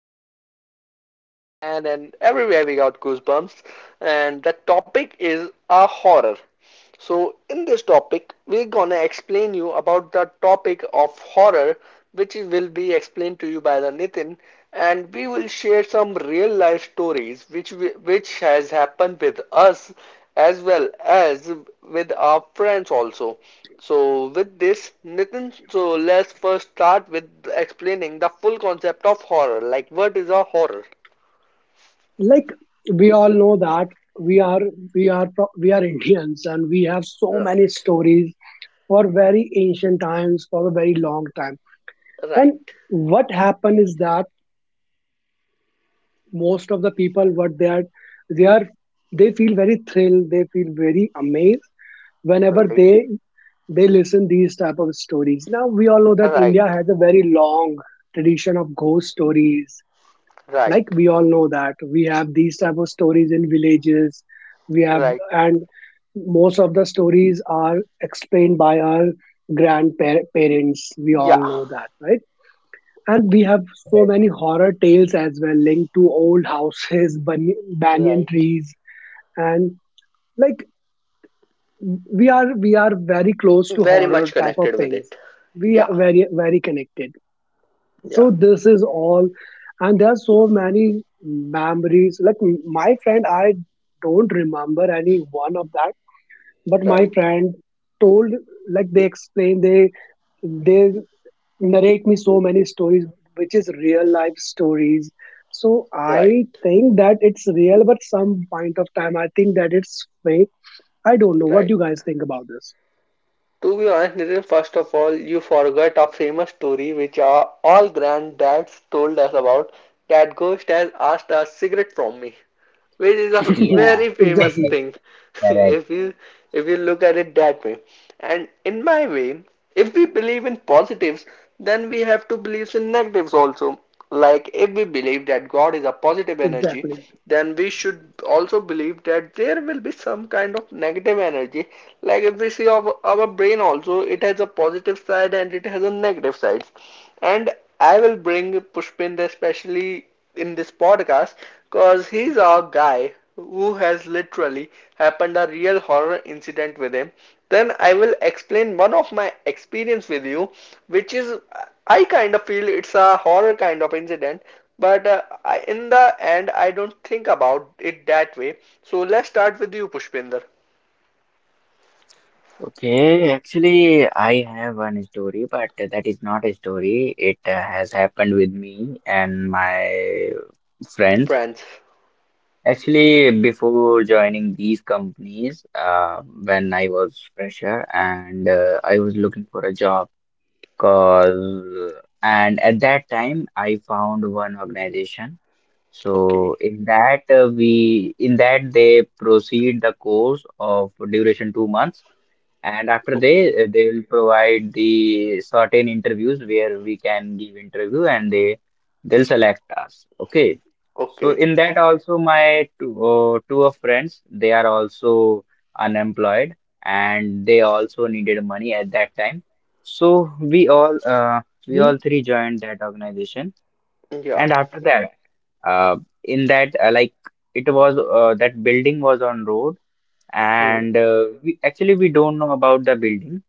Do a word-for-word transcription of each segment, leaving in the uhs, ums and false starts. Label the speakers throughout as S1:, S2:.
S1: and got goosebump in our hand and everywhere we got goosebumps and the topic is a horror. So in this topic, we're gonna explain you about the topic of horror, which will be explained to you by the Nitin, and we will share some real life stories which we, which has happened with us as well as with our friends also. So with this, Nitin, so let's first start with explaining the full concept of horror. Like, what is a horror?
S2: Like, we all know that we are we are pro- we are Indians and we have so many
S1: Right,
S2: stories for very ancient times, for a very long time. And
S1: right,
S2: what happened is that most of the people, what they are, they are they feel very thrilled, they feel very amazed whenever
S1: right,
S2: they they listen these type of stories. Now we all know that
S1: right,
S2: India has a very long tradition of ghost stories. Like,
S1: right,
S2: we all know that we have these type of stories in villages, we have
S1: right.
S2: and most of the stories are explained by our grandparents, we all
S1: Yeah.
S2: know that, right? And we have so many horror tales as well linked to old houses, bany- banyan
S1: Right.
S2: trees. And like, we are we are very close to
S1: Very
S2: horror
S1: much
S2: type of
S1: connected with
S2: things,
S1: it.
S2: we are
S1: Yeah.
S2: very, very connected. So
S1: Yeah.
S2: this is all. And there are so many memories, like m- my friend, I don't remember any one of that, but my
S1: Right.
S2: friend told, like they explain, they they narrate me so many stories which is real life stories. So
S1: Right.
S2: I think that it's real, but some point of time I think that it's fake. I don't know what
S1: Right.
S2: do you guys think about this.
S1: To be honest, Nitin, first of all, you forgot a famous story which our all granddads told us about, that ghost has asked a cigarette from me, which is a
S3: Yeah,
S1: very famous
S2: Exactly.
S1: thing.
S3: correct.
S1: If you, if you look at it that way, and in my way, if we believe in positives, then we have to believe in negatives also. Like if we believe that god is a positive energy,
S2: Exactly.
S1: then we should also believe that there will be some kind of negative energy. Like if we see our, our brain also, it has a positive side and it has a negative side. And I will bring Pushpinder especially in this podcast because he's our guy who has literally happened a real horror incident with him. Then I will explain one of my experience with you, which is, I kind of feel it's a horror kind of incident, but uh, I, in the end I don't think about it that way. So let's start with you, Pushpinder.
S3: Okay, actually, I have one story, but that is not a story. It uh, has happened with me and my friends.
S1: Friends.
S3: Actually, before joining these companies, uh, when I was fresher and uh, I was looking for a job, cause and at that time I found one organization. So
S1: Okay.
S3: in that uh, we in that they proceed the course of duration two months. And after
S1: Okay.
S3: they they will provide the certain interviews where we can give interview and they they'll select us. Okay. So
S1: Okay.
S3: in that also my two, uh, two of friends, they are also unemployed and they also needed money at that time. So we all uh, we all
S2: Mm-hmm.
S3: three joined that organization.
S1: Yeah.
S3: And after that, uh, in that, uh, like it was uh, that building was on road,
S1: Hmm.
S3: and uh, we actually we don't know about the building,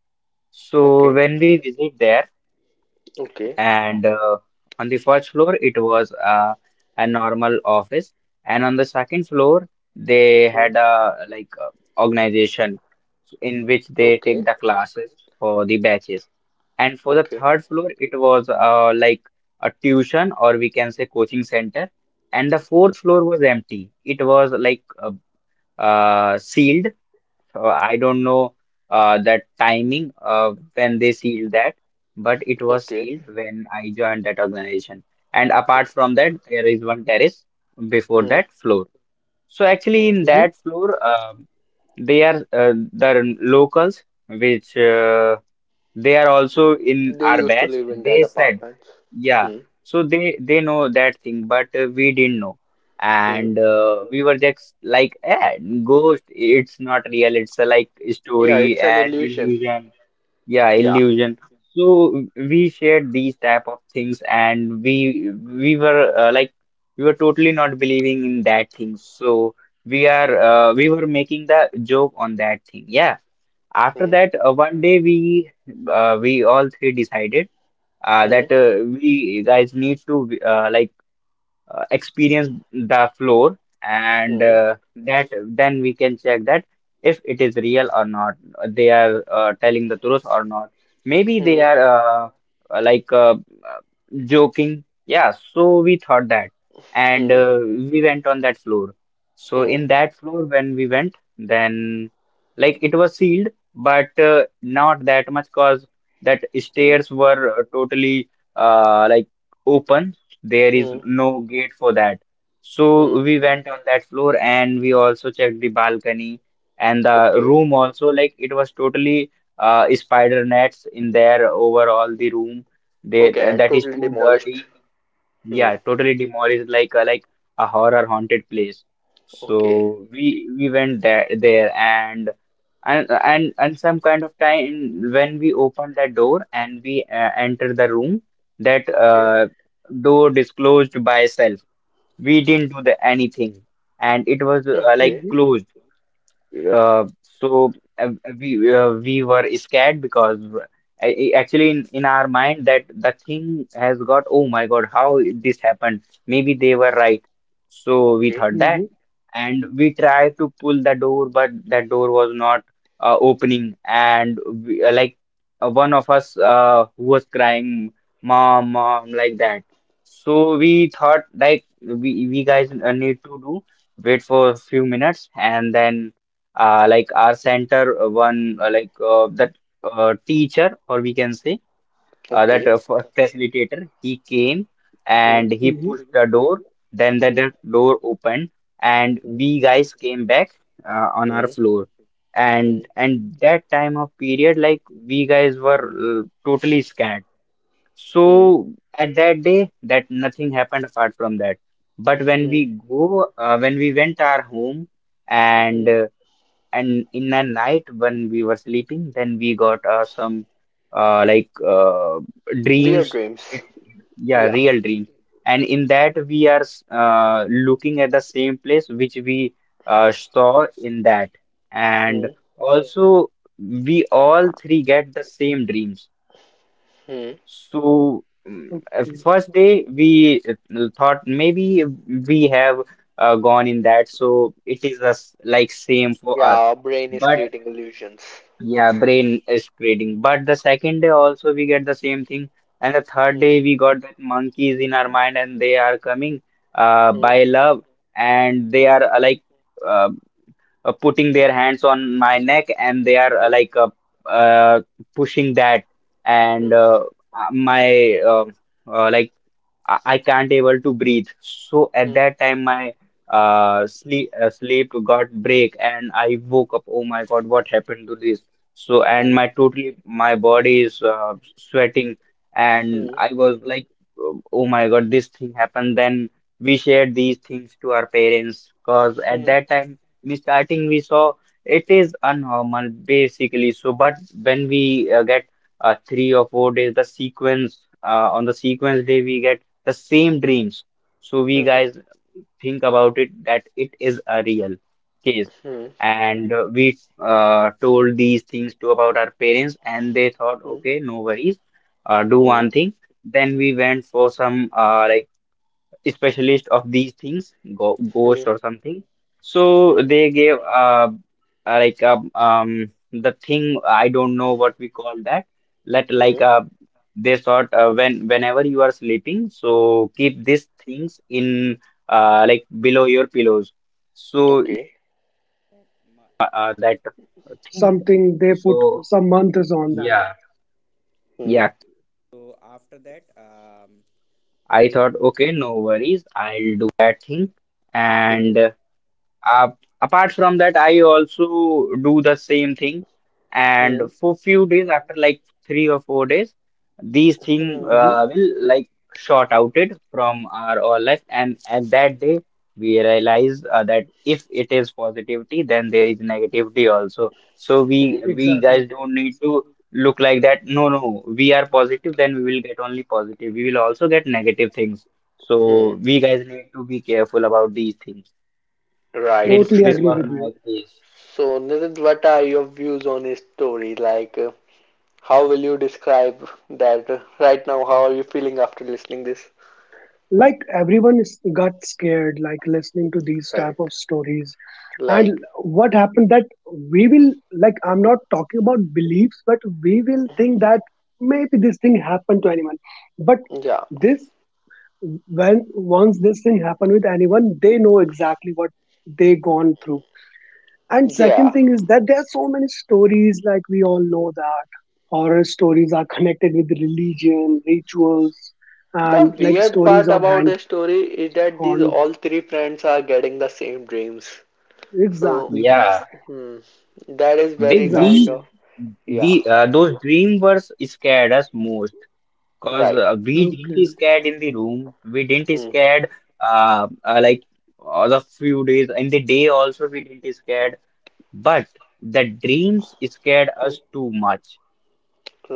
S3: so
S1: Okay.
S3: when we visit there,
S1: Okay.
S3: and uh, on the first floor it was uh, a normal office, and on the second floor they
S1: Hmm.
S3: had a like uh, organization in which they
S1: Okay,
S3: take the classes for the batches, and for the
S1: okay,
S3: third floor it was uh, like a tuition or we can say coaching center, and the fourth floor was empty. It was like uh, uh, sealed. uh, I don't know uh, that timing uh, when they sealed that, but it was
S1: okay,
S3: sealed when I joined that organization. And apart
S1: okay.
S3: from that, there is one terrace before
S1: Hmm,
S3: that floor. So actually,
S1: hmm.
S3: in
S2: Mm-hmm.
S3: that floor, um they are uh, the locals which uh, they are also in
S1: They
S3: our
S1: used to
S3: batch,
S1: live in that
S3: they said
S1: apartment.
S3: yeah.
S1: Hmm,
S3: So they they know that thing but uh, we didn't know.
S1: hmm.
S3: And uh, we were just like eh, ghost, it's not real, it's a, like
S1: Yeah,
S3: story
S1: it's an
S3: and
S1: illusion.
S3: illusion. Yeah,
S1: Yeah.
S3: illusion. So we shared these type of things and we we were uh, like, we were totally not believing in that thing, so we
S1: Hmm,
S3: are uh, we were making the joke on that thing, yeah. After
S1: hmm,
S3: that, uh, one day we uh, we all three decided uh,
S1: hmm,
S3: that uh, we guys need to uh, like uh, experience the floor, and uh, that then we can check that if it is real or not, they are uh, telling the truth or not, maybe they
S1: hmm,
S3: are uh, uh, like uh, uh, joking, yeah. So we thought that, and
S1: hmm,
S3: uh, we went on that floor.
S1: hmm,
S3: So
S1: hmm,
S3: in that floor when we went, then like it was sealed, but uh, not that much cause that
S1: hmm,
S3: stairs were uh, totally uh, like open, there is
S1: hmm,
S3: no gate for that.
S1: hmm.
S3: So we went on that floor and we also checked the balcony and the
S1: Okay,
S3: room also. Like it was totally uh, spider nets in there over all the room. They,
S1: okay,
S3: uh,
S1: and
S3: that is
S1: totally
S3: too
S1: demolished.
S3: dirty.
S1: Hmm.
S3: Yeah, totally demolished, like a, like a horror haunted place.
S1: Okay,
S3: So we we went there there and and and and some kind of time, when we open that door and we uh, enter the room, that
S1: okay,
S3: uh, door disclosed by itself. We didn't do the anything, and it was uh, like
S1: okay,
S2: Mm-hmm.
S3: closed, yeah. Uh, so, uh, we uh, we were scared because r- a- a- actually in, in our mind that the thing has got, oh my God, how this happened, maybe they were right, so we
S1: okay,
S3: thought
S2: Mm-hmm.
S3: that. And we tried to pull the door but that door was not uh, opening, and we, uh, like uh, one of us uh, who was crying, mom mom, like that. So we thought, like we we guys uh, need to do wait for a few minutes, and then uh, like our center uh, one uh, like uh, that uh, teacher, or we can say uh, that
S1: okay.
S3: uh, fa- facilitator, he came
S1: Hmm,
S3: and he
S2: Mm-hmm.
S3: pushed the door, then the,
S1: hmm,
S3: the door opened, and
S1: hmm,
S3: we guys came back uh, on our
S1: hmm,
S3: floor.
S1: hmm,
S3: and and that time of period, like we guys were uh, totally scared. So
S1: hmm,
S3: at that day that nothing happened apart from that, but when
S1: hmm,
S3: we go uh, when we went our home, and
S1: hmm.
S3: uh, and in the night when we were sleeping, then we got uh, some uh, like uh,
S1: Weird
S3: dreams. It,
S1: dreams.
S3: yeah,
S1: Yeah.
S3: real dreams. And in that we are s- uh, looking at the same place which we uh, saw in that. And
S1: Hmm,
S3: also we all three get the same dreams.
S1: hmm.
S3: So mm, uh,
S2: Okay,
S3: first day we uh, thought maybe we have uh, gone in that, so it is the s like same for
S1: Yeah,
S3: us.
S1: our brain is
S3: But
S1: creating illusions.
S3: yeah, brain is creating. But the second day also we get the same thing, and the third
S1: Hmm,
S3: day we got that monkeys in our mind, and they are coming uh,
S1: hmm,
S3: by love, and they
S1: hmm,
S3: are uh, like uh, uh, putting their hands on my neck, and they are uh,
S1: hmm,
S3: like uh, uh, pushing that, and uh, uh, my uh, uh, like I, I can't able to breathe. So at
S1: hmm,
S3: that time, my uh, sleep uh, sleep got break, and I woke up. Oh my God, what happened to this? So and
S1: hmm,
S3: my totally my body is uh, sweating,
S1: hmm,
S3: and
S1: hmm,
S3: I was like, oh oh my God, this thing happened. Then we shared these things to our parents, cause at that time we starting we saw it is unnormal basically. So but when we uh, get uh, three or four days, the sequence uh, on the sequence day, we get the same dreams. So
S1: hmm,
S3: we
S1: hmm, hmm,
S3: guys think about it, that it is a real case.
S1: hmm,
S3: And uh, we uh, told these things to about our parents, and they thought, okay, no worries, uh, do
S1: hmm,
S3: one thing. Then we went for some uh, like specialist of these things, go, ghost
S1: hmm,
S3: or something. So
S1: hmm,
S3: they gave uh, uh, like um, um the thing, I don't know what we call that. Let like
S1: hmm.
S3: uh, they thought uh, when whenever you are sleeping, so keep these things in uh, like below your pillows. So
S1: Okay.
S2: something they put some months on that.
S1: Hmm, hmm,
S3: apart from that, I also do the same thing. And
S1: hmm,
S3: for few days, after like three or four days, these thing
S1: hmm,
S2: Hmm.
S3: uh, will like short outed from our all life. And at that day, we realize uh, that if it is positivity, then there is negativity also. So
S1: hmm,
S3: we we
S2: Exactly.
S3: guys don't need to look like that. No, no, we are positive, then we will get only positive. We will also get negative things.
S1: hmm.
S3: So we guys need to be careful about these things.
S1: Right,
S3: This
S2: Totally
S3: this
S2: agree
S3: was
S2: with
S1: Pushpinder.
S3: my
S2: you.
S3: case.
S1: So, Nidit, what are your views on his story? Like, uh, how will you describe that uh, right now? How are you feeling after listening this?
S2: Like, everyone is, got scared, like listening to these type
S1: Right.
S2: of stories. And
S1: Like,
S2: what happened that we will, like, I'm not talking about beliefs, but we will think that maybe this thing happened to anyone. But
S1: yeah,
S2: this, when once this thing happened with anyone, they know exactly what they gone through. And second
S1: yeah.
S2: thing is that there are so many stories, like we all know that horror stories are connected with religion, rituals, and
S1: The
S2: like
S1: weird
S2: stories
S1: part
S2: of
S1: about
S2: hand
S1: the story is that these
S2: haunt.
S1: all three friends are getting the same dreams. So,
S2: Exactly.
S3: Yeah,
S1: hmm, that is
S3: the
S1: very kind
S3: the,
S1: of,
S2: Exactly.
S1: yeah,
S3: the uh, those dream wars scared us most, because
S1: right.
S3: uh, we didn't
S2: Okay.
S3: scared in the room. We didn't
S1: Hmm,
S3: scared uh, uh like all the few days, in the day also we didn't scared. But the dreams scared
S1: hmm,
S3: us too much.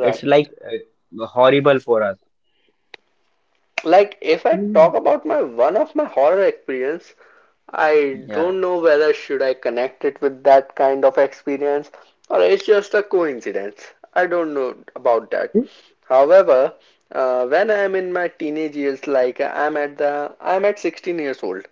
S3: It's like uh, horrible for us.
S1: Like, if I talk
S2: Mm-hmm.
S1: about my one of my horror experience, I
S3: Yeah,
S1: don't know whether should I connect it with that kind of experience or it's just a coincidence. I don't know about that.
S2: Mm-hmm.
S1: However, uh, when I'm in my teenage years, like I'm at the I'm at sixteen years old,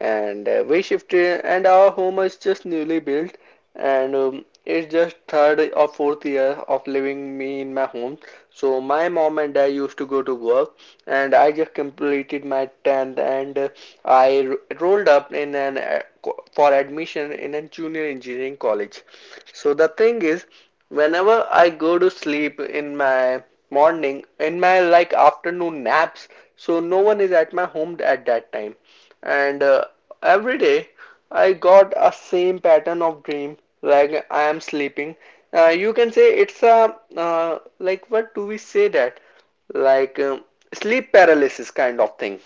S1: and uh, we shifted, and our home is just newly built, and um, it's just third or fourth year of living me in my home. So my mom and dad used to go to work, and I just completed my tenth, and uh, I ro- rolled up in an uh, for admission in a junior engineering college. So the thing is, whenever I go to sleep in my morning, in my like afternoon naps, so no one is at my home at that time, and uh, every day I got a same pattern of dream like I am sleeping. Uh, you can say it's a uh, like, what do we say that, like um, sleep paralysis kind of thing.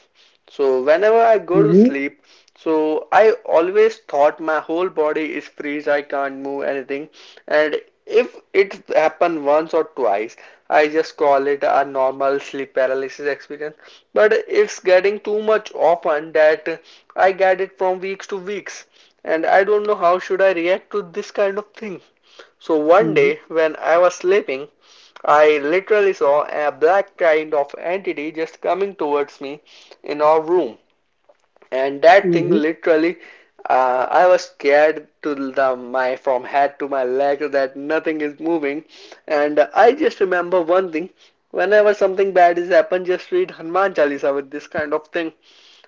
S1: So whenever I go to
S2: Mm-hmm.
S1: sleep, so I always thought my whole body is freeze, I can't move anything. And if it happened once or twice, I just call it a normal sleep paralysis experience. But it's getting too much often that I get it from weeks to weeks. And I don't know how should I react to this kind of thing. So one
S2: Mm-hmm.
S1: day when I was sleeping, I literally saw a black kind of entity just coming towards me in our room, and that thing
S2: Mm-hmm.
S1: literally, uh, I was scared to the my from head to my leg that nothing is moving. And I just remember one thing, whenever something bad is happened, just read Hanuman Chalisa with this kind of thing.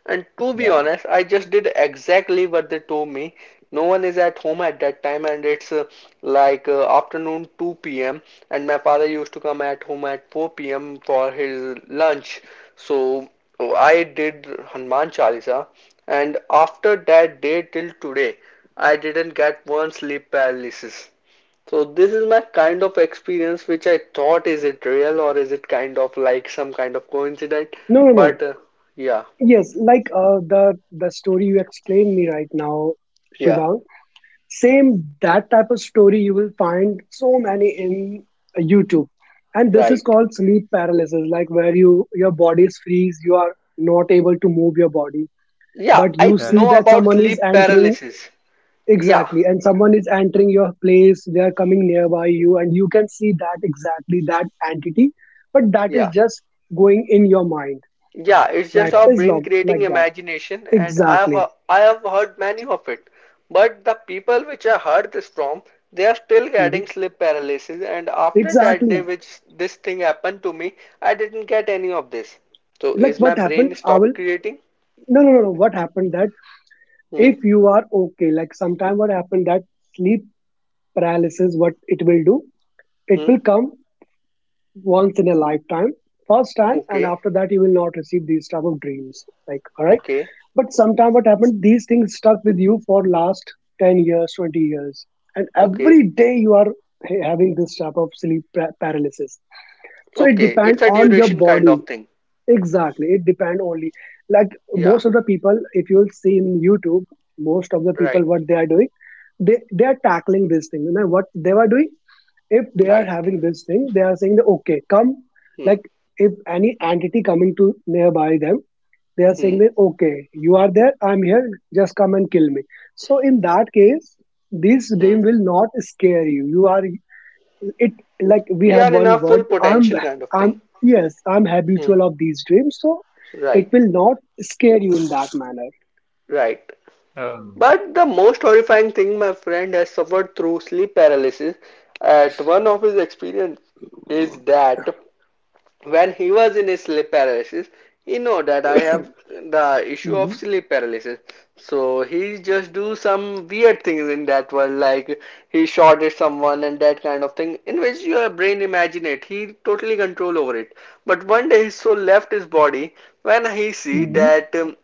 S1: And to be
S3: yeah,
S1: honest, I just did exactly what they told me. No one is at home at that time, and it's uh, like uh, afternoon two p.m., and my father used to come at home at four p.m. for his lunch. So, oh, I did Hanuman Chalisa, and after that day till today, I didn't get one sleep paralysis. So this is my kind of experience, which I thought, is it real or is it kind of like some kind of coincidence?
S2: No, no, no.
S1: But uh, yeah,
S2: Yes, like uh, the the story you explained me right now,
S1: yeah,
S2: Shiva. Same that type of story you will find so many in uh, YouTube, and this is
S1: right.
S2: called sleep paralysis, like where you, your body is freeze, you are not able to move your body,
S1: Yeah,
S2: but
S1: I
S2: you see
S3: sure,
S1: know
S2: that
S1: about
S2: someone is
S1: sleep
S2: entering.
S1: paralysis. Yeah,
S2: Exactly, and someone is entering your place. They are coming nearby you, and you can see that exactly that entity, but that is
S1: yeah.
S2: just going in your mind.
S1: Yeah, it's just
S2: That
S1: our
S3: yeah.
S2: is
S1: brain
S2: long
S1: creating
S2: like that.
S1: imagination, and I have
S2: Exactly.
S1: hea- I have heard many of it. But the people which I heard this from, they are still getting
S2: Mhm.
S1: sleep paralysis. And after that day,
S2: Exactly,
S1: which this thing happened to me, I didn't get any of this. So
S2: like
S1: is my
S2: what happened,
S1: brain
S2: I will
S1: stop creating?
S2: no no no no what happened that,
S1: Hmm.
S2: if you are okay, like sometime what happened that sleep paralysis, what it will do, it
S1: Hmm.
S2: will come once in a lifetime, first time, and
S1: Okay.
S2: after that you will not receive these type of dreams, like, all right?
S1: Okay.
S2: But sometime what happened, these things stuck with you for last ten years, twenty years, and
S1: Okay.
S2: every day you are ha- having this type of sleep pra- paralysis. So it
S1: Okay.
S2: depends
S1: It's a
S2: on your
S1: duration kind
S2: body.
S1: of thing.
S2: Exactly. It depend only. Like,
S1: Yeah.
S2: most of the people, if you'll see in YouTube, most of the people
S1: Right.
S2: what they are doing, they they are tackling this thing. You know what they were doing? If they are
S1: Right.
S2: having this thing, they are saying that, okay, come,
S1: Hmm.
S2: like if any entity coming to nearby them, they are saying
S1: Hmm.
S2: that, okay, you are there, I'm here, just come and kill me. So in that case, this
S1: Hmm.
S2: dream will not scare you. You are it like we
S1: We
S2: have
S1: are in a
S2: one
S1: full
S2: word, i'm
S1: potential kind of thing.
S2: I'm, yes, I'm
S1: Hmm.
S2: habitual of these dreams, so it
S1: Right.
S2: will not scare you in that manner.
S1: Right.
S3: Oh.
S1: But the most horrifying thing my friend has suffered through sleep paralysis at one of his experience is that when he was in his sleep paralysis, he know that I have the issue
S2: Mm-hmm.
S1: of sleep paralysis. So he just do some weird things in that world, like he shot at someone and that kind of thing, in which your brain imagine it. He totally control over it. But one day his soul left his body when he see
S2: Mm-hmm.
S3: Hmm.
S1: that um,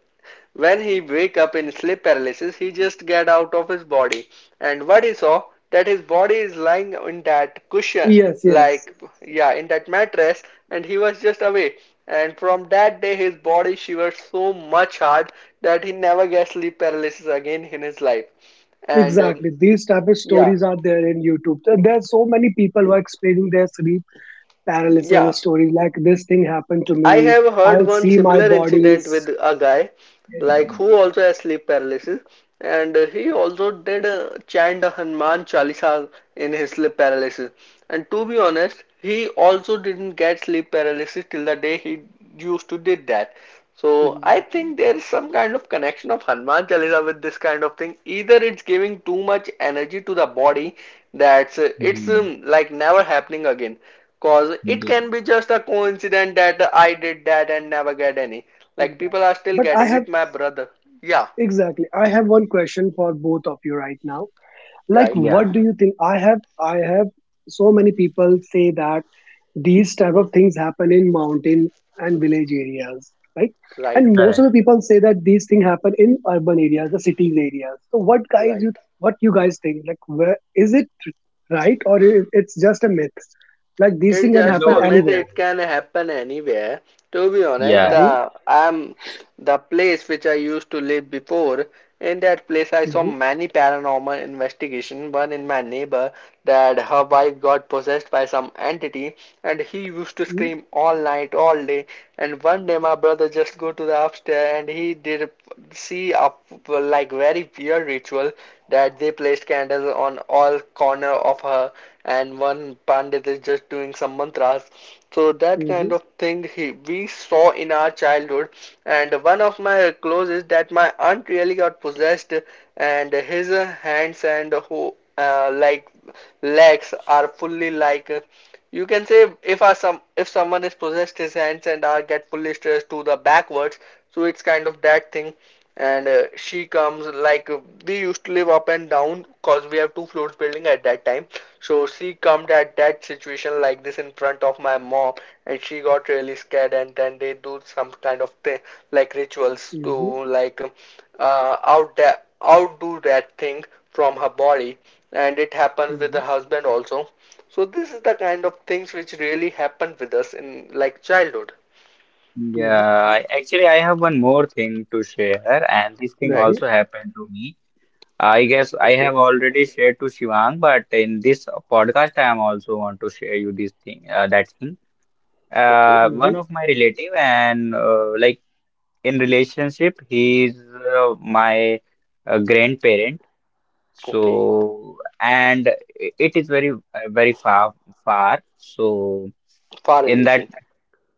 S1: when he wake up in sleep paralysis, he just get out of his body. And what he saw, that his body is lying in that cushion,
S2: Yes, yes.
S1: like, yeah, in that mattress, and he was just away. And from that day, his body shivered so much hard that he never gets sleep paralysis again in his life. And um,
S2: Exactly, these type of
S1: yeah,
S2: stories are there in YouTube. There there are so many people who are explaining their sleep
S1: yeah,
S2: paralysis stories, like this thing happened to me,
S1: I have
S2: I
S1: heard one
S2: see my
S1: similar
S2: bodies.
S1: incident with a guy, like who also has sleep paralysis, and uh, he also did uh, chant a Hanuman Chalisa in his sleep paralysis. And to be honest, he also didn't get sleep paralysis till the day he used to did that. So I
S2: Exactly.
S1: think there is some kind of connection of Hanuman Chalisa with this kind of thing, either it's giving too much energy to the body, that's uh, it's
S3: Hmm.
S1: um, like never happening again. Cause it
S3: Yeah,
S1: can be just a coincidence that I did that and never get any. Like people
S2: exactly
S1: are still
S2: but I
S1: getting
S2: have
S1: it, my brother. Yeah,
S2: Exactly, I have one question for both of you right now. Like,
S1: right.
S3: yeah,
S2: what do you think? I have I have So many people say that these type
S1: Hmm,
S2: of things happen in mountain and village areas, right? And
S1: right,
S2: most of
S3: correct.
S2: the people say that these things happen in urban areas, the cities areas. So what, guys, you
S1: right.
S2: what you guys think? Like, where is it right? Or I- it's just a myth? Like, these
S1: It's
S2: things can
S1: just
S3: No,
S2: happen
S1: a
S3: no.
S1: myth.
S2: anywhere.
S1: It can happen anywhere. To be honest,
S3: Yeah.
S2: Mm-hmm.
S1: the I'm the place which I used to live before. In that place, I saw
S2: Mm-hmm.
S1: many paranormal investigation. One in my neighbor, that her wife got possessed by some entity, and he used to scream all night, all day. And one day, my brother just go to the upstairs, and he did see up like very weird ritual, that they placed candles on all corner of her, and one pandit is just doing some mantras. So that
S2: Mm-hmm.
S1: kind of thing he, we saw in our childhood. And one of my clothes is that my aunt really got possessed, and his uh, hands and who uh, like legs are fully like, uh, you can say if a, some if someone is possessed, his hands and are get fully stretched to the backwards. So it's kind of that thing. And uh, she comes like, uh, we used to live up and down because we have two floors building at that time. So she come at that situation like this in front of my mom, and she got really scared, and then they do some kind of thing like rituals to
S2: Mm-hmm.
S1: like, um, uh, out that outdo that thing from her body. And it happens with
S2: Mm-hmm.
S1: the husband also. So this is the kind of things which really happen with us in like childhood.
S2: Mm-hmm.
S3: Yeah, I, actually, I have one more thing to share, and this thing
S2: Mm-hmm.
S1: Right.
S2: Mm-hmm.
S3: also happened to me. I guess I
S1: Okay,
S3: have already shared to Shivang, but in this podcast, I am also want to share you this thing, uh, that thing.
S1: okay,
S3: Uh, one
S2: Mm-hmm.
S3: of my relative and uh, like in relationship, he is uh, my uh, grandparent.
S1: okay.
S3: So, and it it is very uh, very far far. So
S1: Far
S3: in that,
S1: relation.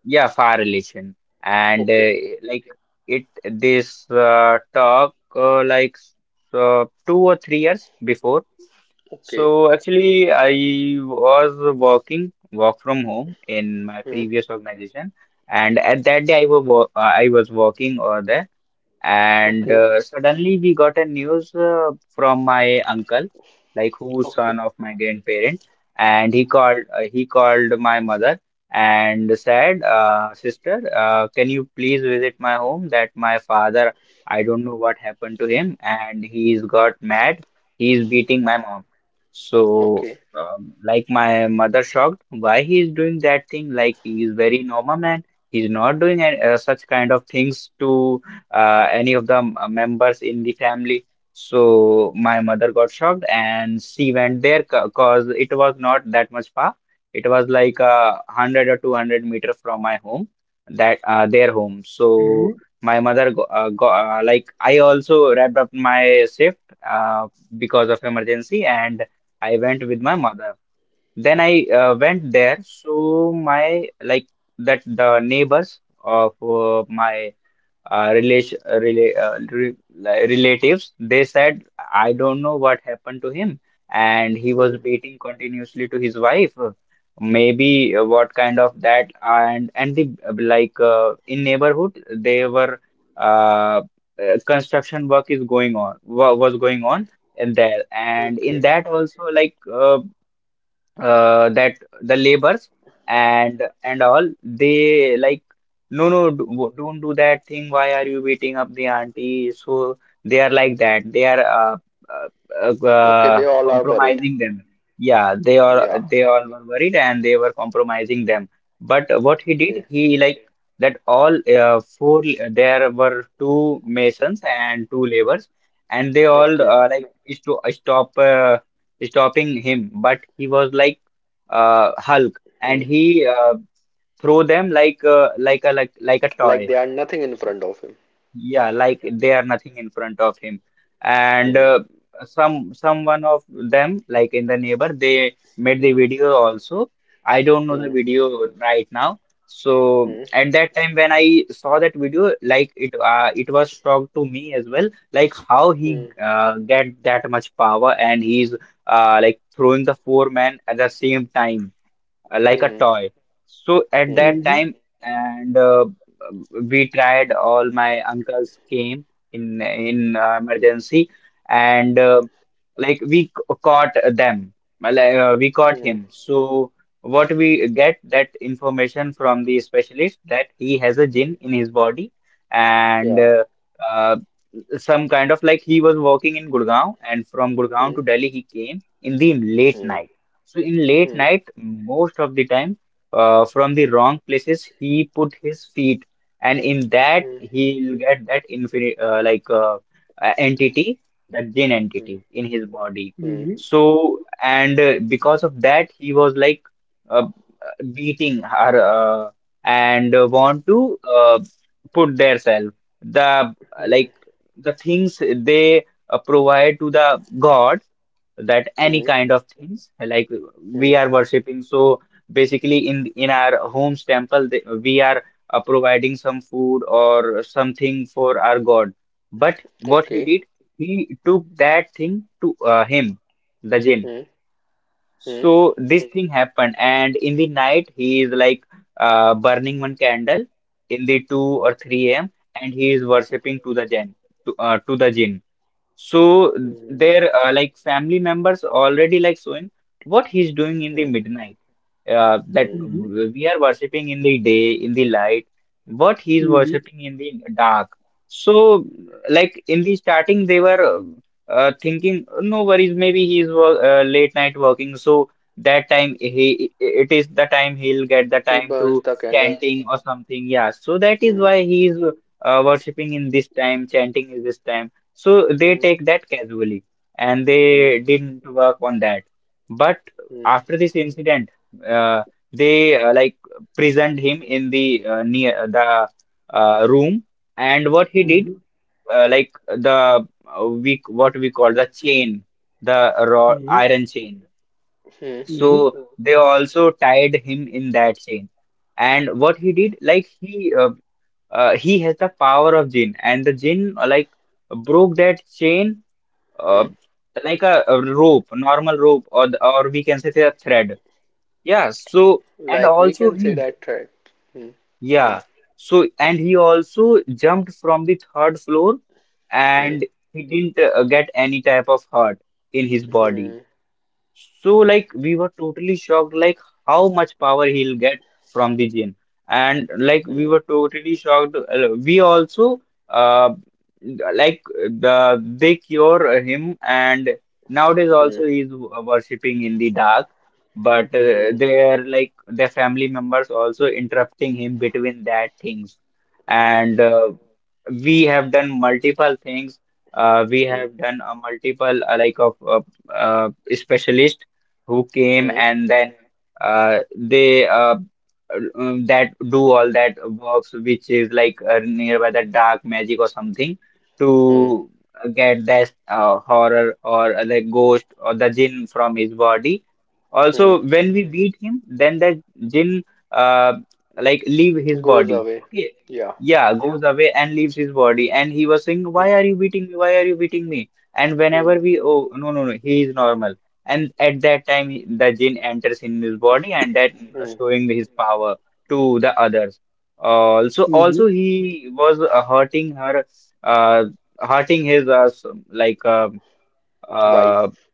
S3: yeah, far relation. And
S1: Okay.
S3: uh, like it, this uh, talk uh, like s- uh, two or three years before.
S1: Okay.
S3: So actually, I was working work from home in my
S1: Hmm.
S3: previous organization, and at that day I was wo- uh, I was working over there. And
S1: Okay.
S3: uh, suddenly we got a news uh, from my uncle, like who's
S1: Okay.
S3: son of my grandparent, and he called uh, he called my mother, and said, uh, "Sister, uh, can you please visit my home? That my father, I don't know what happened to him, and he's got mad. He's beating my mom." So,
S1: Okay.
S3: um, like my mother shocked, why he is doing that thing? Like he is very normal man. He's not doing uh, such kind of things to uh, any of the m- uh, members in the family. So my mother got shocked and she went there because it was not that much far. It was like uh, one hundred or two hundred meter from my home, that uh, their home.
S2: Mm-hmm.
S3: So my mother go, uh, go, uh, like I also wrapped up my shift uh, because of emergency, and I went with my mother. Then I uh, went there. So my like that the neighbors of uh, my uh, relation, uh, rela- uh, re- like relatives, they said, I don't know what happened to him. And he
S1: Hmm.
S3: was beating continuously to his wife. Maybe uh, what kind of that and and the uh, like uh, in neighborhood they were uh, uh, construction work is going on wa was going on in there, and in
S1: Okay.
S3: that also like uh, uh, that the labors and and all, they like no no do, wo- don't do that thing, why are you beating up the auntie? So they are like that, they are uh, uh, uh,
S1: Okay.
S3: uh,
S1: They all are worried.
S3: compromising them. Yeah, they are,
S1: Yeah.
S3: they all were worried, and they were compromising them. But what he did,
S1: Okay.
S3: he like that all uh, four— there were two masons and two laborers, and they all
S1: Okay.
S3: uh, like sto- stop uh, stopping him, but he was like uh, Hulk, and
S1: Hmm.
S3: he uh, threw them like uh, like a like, like a
S1: Like
S3: toy.
S1: they are nothing in front of him.
S3: Yeah, like they are nothing in front of him. And
S1: Hmm.
S3: uh, some some one of them, like in the neighbor, they made the video also. I don't know the
S1: Hmm.
S3: video right now. So
S1: Hmm.
S3: at that time when I saw that video, like it uh, it was shock to me as well, like how he
S1: Hmm.
S3: uh, get that much power, and he's uh, like throwing the four men at the same time uh, like a
S1: Hmm.
S3: toy. So
S1: Hmm.
S3: at
S1: Hmm.
S3: that time, and uh, we tried. All my uncles came in in uh, emergency, and uh, like we c- caught them. Like, uh, we caught
S1: Hmm.
S3: him. So what we get, that information from the specialist, that he has a
S1: Hmm.
S3: gin in his body, and
S1: Yeah.
S3: uh, uh, some kind of, like, he was working in Gurgaon, and from Gurgaon
S1: Hmm.
S3: to Delhi he came in the late
S1: Hmm.
S3: night. So in late
S1: Hmm.
S3: night, most of the time, uh, from the wrong places he put his feet, and in that
S1: Hmm.
S3: he'll get that infinite uh, like uh, uh, entity, that jinn
S1: Hmm.
S3: entity in his body.
S1: Hmm.
S2: Mm-hmm.
S3: So, and uh, because of that he was like uh, beating her, uh, and uh, want to uh, put their self, the,
S1: Hmm.
S3: like, the things they uh, provide to the god, that any
S1: Hmm.
S3: kind of things, like,
S1: Hmm.
S3: we are worshiping, so basically in in our homes temple, they— we are uh, providing some food or something for our god. But what he
S1: Okay.
S3: did, he took that thing to uh, him, the jinn.
S1: Hmm. Hmm.
S3: So this thing happened, and in the night he is like uh, burning one candle in the two or three a m, and he is worshipping to the jinn, to, uh, to the jinn. So
S1: Hmm.
S3: their uh, like family members already like showing what he's doing in the
S1: Hmm.
S3: midnight, uh, that
S1: Hmm.
S2: Mm-hmm.
S3: w- we are worshipping in the day, in the light, what he's
S2: Mm-hmm.
S3: worshipping in the dark. So, like, in the starting they were uh, uh, thinking no worries, maybe he's wo- uh, late night working, so that time— he it is the time he'll get the
S1: He
S3: time
S1: burns
S3: to
S1: the candle.
S3: chanting or something. Yeah, so that is
S1: Hmm.
S3: why he's uh, worshipping in this time, chanting is this time, so they
S1: Hmm.
S3: take that casually and
S1: Hmm.
S3: they didn't work on that. But
S1: Hmm.
S3: after this incident, uh, they uh, like prisoned him in the uh, near the uh, room. And what he
S1: Hmm.
S3: did,
S2: Mm-hmm.
S3: uh, like, the uh, we— what we call the chain, the raw
S2: Mm-hmm.
S3: iron chain.
S1: Hmm.
S2: Mm-hmm.
S3: So they also tied him in that chain. And what he did, like, he uh, uh, he has the power of jinn, and the jinn uh, like broke that chain, uh,
S1: Hmm.
S3: like a, a rope, normal rope, or the, or we can say a thread. Yeah. So and
S1: Like we
S3: also
S1: can say
S3: he—
S1: that threat. Hmm.
S3: yeah. So and he also jumped from the third floor,
S1: Hmm.
S3: and he didn't uh, get any type of hurt in his body.
S1: Hmm.
S3: So, like, we were totally shocked, like how much power he'll get from the gin, and, like, we
S1: Hmm.
S3: were totally shocked. Uh, we also uh, like, the they cure him, and nowadays
S1: Hmm.
S3: also he's worshipping in the dark, but uh,
S1: Hmm.
S3: they're like their family members also interrupting him between that things.
S1: Hmm.
S3: And uh, we have done multiple things, uh, we
S1: Hmm.
S3: have done a multiple uh, like of uh, uh, specialist who came,
S1: Hmm.
S3: and then uh, they uh, um, that do all that works which is like uh, nearby the dark magic or something
S1: Hmm.
S3: to get that uh, horror or uh, the ghost or the jinn from his body.
S1: Hmm.
S3: Also, when we beat him, then that jinn uh, like leave his
S1: Goes
S3: body.
S1: away.
S3: Okay.
S1: Yeah.
S3: Yeah, goes away and leaves his body. And he was saying,
S1: Hmm.
S3: "Why are you beating me? Why are you beating me?" And whenever
S1: Hmm.
S3: we— oh, no, no, no, he is normal. And at that time, he- the jinn enters in his body, and that
S1: Hmm.
S3: showing his power to the others. Uh, Also, also
S2: Mm-hmm.
S3: he was uh, hurting her, uh, hurting his, uh, s- like, uh, uh,
S1: Wife.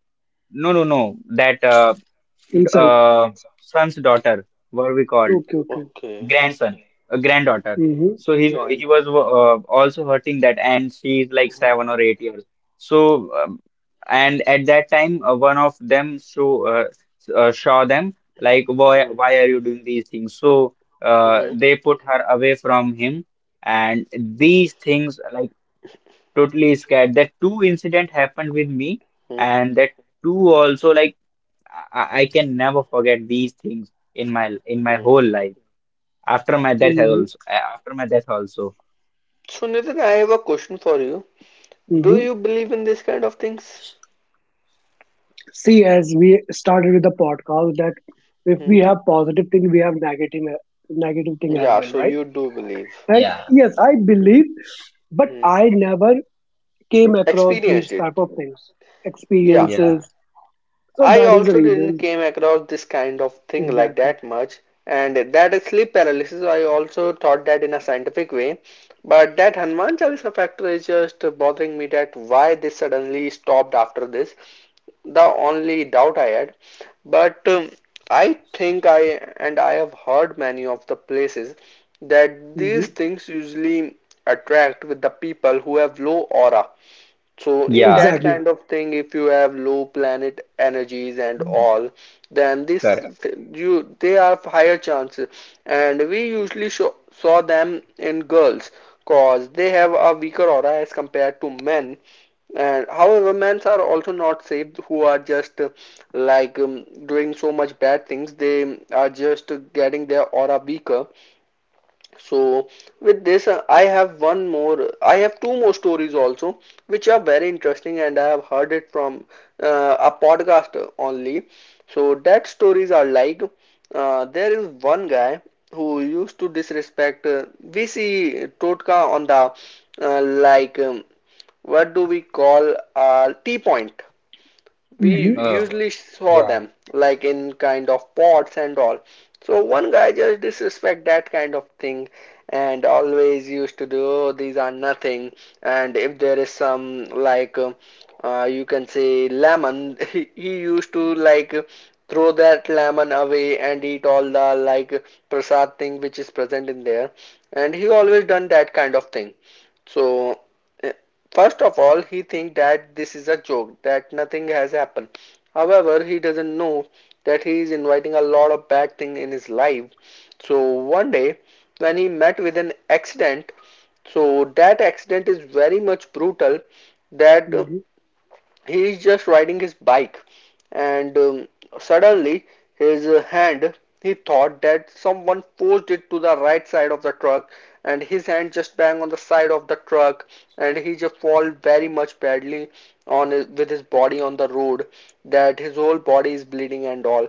S3: no, no, no, that uh, d-
S2: Himself.
S3: uh, son's daughter, what we called
S2: Okay, okay.
S1: Okay.
S3: grandson, a granddaughter.
S2: Mm-hmm.
S3: So he he
S1: Grand.
S3: was uh, also hurting that, and she is like
S1: Hmm.
S3: seven or eight years. So um, and at that time, uh, one of them, so uh, s- uh, saw them, like why
S1: Hmm.
S3: why are you doing these things? So uh,
S1: Hmm.
S3: they put her away from him, and these things, like, totally scared. That two incident happened with me,
S1: Hmm.
S3: and that two also, like, I, I I can never forget these things in my in my
S1: Hmm.
S3: whole life. After my death has
S2: Mm-hmm.
S3: also. uh, After my death also.
S1: So Nitin, I have a question for you. Do
S2: Mm-hmm.
S1: you believe in this kind of things?
S2: See, as we started with the podcast, that if we
S1: Hmm.
S2: have positive thing, we have negative negative thing as
S1: Yeah.
S2: well,
S1: So
S2: right?
S1: you do believe.
S2: And
S3: Yeah.
S2: yes, I believe, but
S1: Hmm.
S2: I never came across these
S1: Experienced
S2: type
S1: it.
S2: of things,
S1: Yeah.
S3: Yeah.
S2: experiences. So
S1: I
S2: that is the
S1: also didn't
S2: reason.
S1: came across this kind of thing like
S2: Exactly.
S1: that much, and that is sleep paralysis I also thought that in a scientific way, but that Hanuman Chalisa factor is just bothering me that why this suddenly stopped after this. The only doubt I had, but um, I think I and I have heard many of the places that these
S2: Mm-hmm.
S1: things usually attract with the people who have low aura, so in
S3: Yeah.
S1: that
S2: Exactly.
S1: kind of thing, if you have low planet energies and
S3: Mm.
S1: all, then this,
S3: Correct.
S1: you, they have higher chances. And we usually show, saw them in girls, cause they have a weaker aura as compared to men. And however, men are also not saved, who are just uh, like um, doing so much bad things. They are just uh, getting their aura weaker. So with this, uh, I have one more. I have two more stories also, which are very interesting, and I have heard it from uh, a podcast only. So that stories are like, uh, there is one guy who used to disrespect. Uh, we see Totka on the uh, like um, what do we call a tea point? We
S2: Mm-hmm.
S3: Oh.
S1: usually saw
S3: Yeah.
S1: them like in kind of pots and all. So one guy just disrespect that kind of thing and always used to do, oh, these are nothing. And if there is some like uh, uh, you can say lemon, he, he used to like throw that lemon away and eat all the like prasad thing which is present in there, and he always done that kind of thing. So uh, first of all, he thinks that this is a joke, that nothing has happened. However, he doesn't know that he is inviting a lot of bad things in his life. So one day, when he met with an accident, so that accident is very much brutal, that
S2: Mm-hmm.
S1: he is just riding his bike, and um, suddenly his uh, hand, he thought that someone forced it to the right side of the truck, and his hand just banged on the side of the truck, and he just fall very much badly on his, with his body on the road, that his whole body is bleeding and all.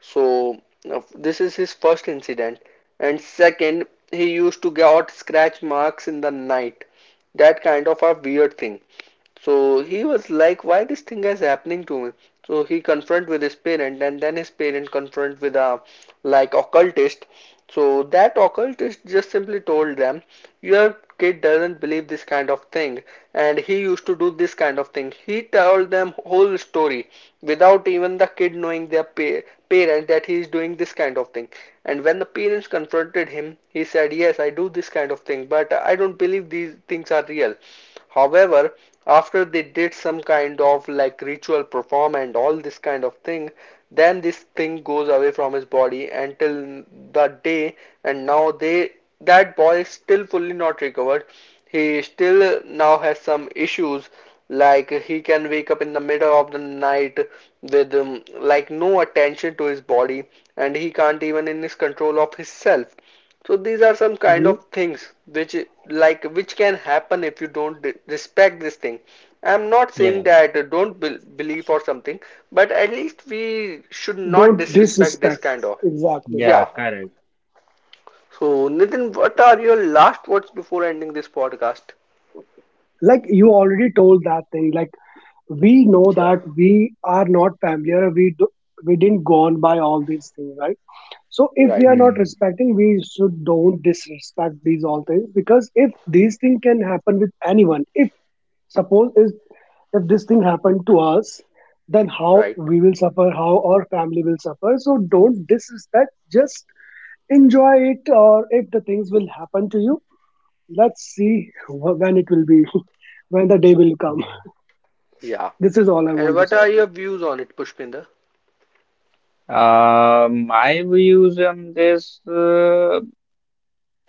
S1: So uh, this is his first incident, and second, he used to get scratch marks in the night. That kind of a weird thing. So he was like, why this thing is happening to me? So he confront with his parent and then his parent confront with a like occultist. So that occultist just simply told them, your kid doesn't believe this kind of thing and he used to do this kind of thing. He told them whole story without even the kid knowing their pa- parent that he is doing this kind of thing. And when the parents confronted him, he said, yes, I do this kind of thing, but I don't believe these things are real. However, after they did some kind of like ritual perform and all this kind of thing, then this thing goes away from his body until the day, and now they, that boy is still fully not recovered, he still now has some issues like he can wake up in the middle of the night with um, like no attention to his body, and he can't even in his control of himself. So these are some kind
S2: Mm-hmm.
S1: of things which, like, which can happen if you don't respect this thing. I'm not
S3: Yeah,
S1: saying that uh, don't bel believe or something, but at least we should not
S2: Don't
S1: disrespect this
S2: disrespect.
S1: kind of.
S2: Exactly.
S1: Yeah.
S3: yeah, correct.
S1: So Nitin, what are your last words before ending this podcast?
S2: Like you already told that thing. Like, we know
S1: Yeah.
S2: that we are not familiar, we do, we didn't go on by all these things, right? So if we are
S1: Right.
S2: not
S3: Hmm.
S2: respecting, we should don't disrespect these all things, because if these things can happen with anyone, if suppose is, if this thing happened to us, then how
S1: Right.
S2: we will suffer, how our family will suffer. So don't disrespect, just enjoy it, or if the things will happen to you, let's see wh- when it will be. When the day will come.
S1: Yeah.
S2: This is all I
S1: And
S2: want to
S1: what
S2: say.
S1: are your views on it, Pushpinder?
S3: Uh, my views on this, uh,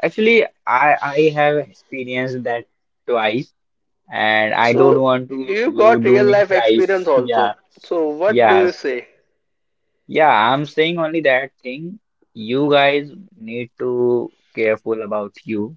S3: actually, I I have experienced that twice, and I don't
S1: So
S3: want to
S1: you
S3: uh,
S1: got real
S3: do it
S1: life experience
S3: thrice. Yeah,
S1: also. So what do
S3: yes,
S1: you say?
S3: yeah. I'm saying only that thing. You guys need to careful about you.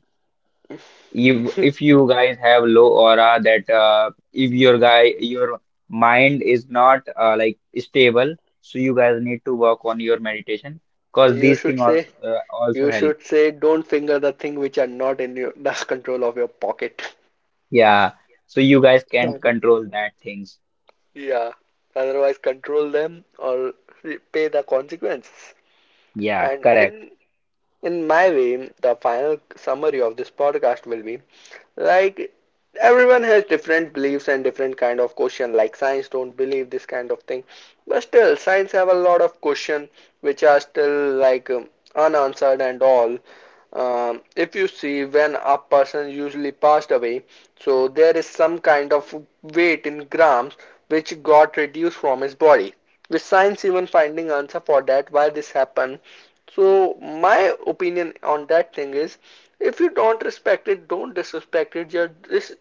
S3: if if you guys have low aura, that uh, if your guy— your mind is not uh, like stable, so you guys need to work on your meditation, because
S1: You
S3: these things
S1: should say.
S3: also uh, also
S1: You
S3: help.
S1: should say don't finger the thing which are not in your, the control of your pocket.
S3: Yeah, so you guys can't
S2: Exactly.
S3: control that things.
S1: Yeah. Otherwise, control them or pay the consequences.
S3: Yeah,
S1: And
S3: correct.
S1: in in my way, the final summary of this podcast will be like, everyone has different beliefs and different kind of question, like science don't believe this kind of thing, but still science have a lot of question which are still like um, unanswered and all. Um, if you see when a person usually passed away, so there is some kind of weight in grams which got reduced from his body, with science even finding answer for that why this happened. So my opinion on that thing is, if you don't respect it, don't disrespect it. Just just,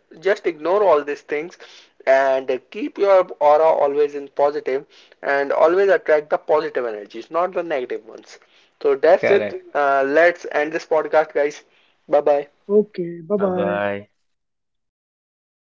S1: ignore all these things, and uh, keep your aura always in positive, and always attract the positive energies, not the negative ones. So that's it.
S3: Correct.
S1: Uh, let's end this podcast, guys. Bye bye.
S2: Okay, bye
S3: Bye
S2: bye.
S3: bye.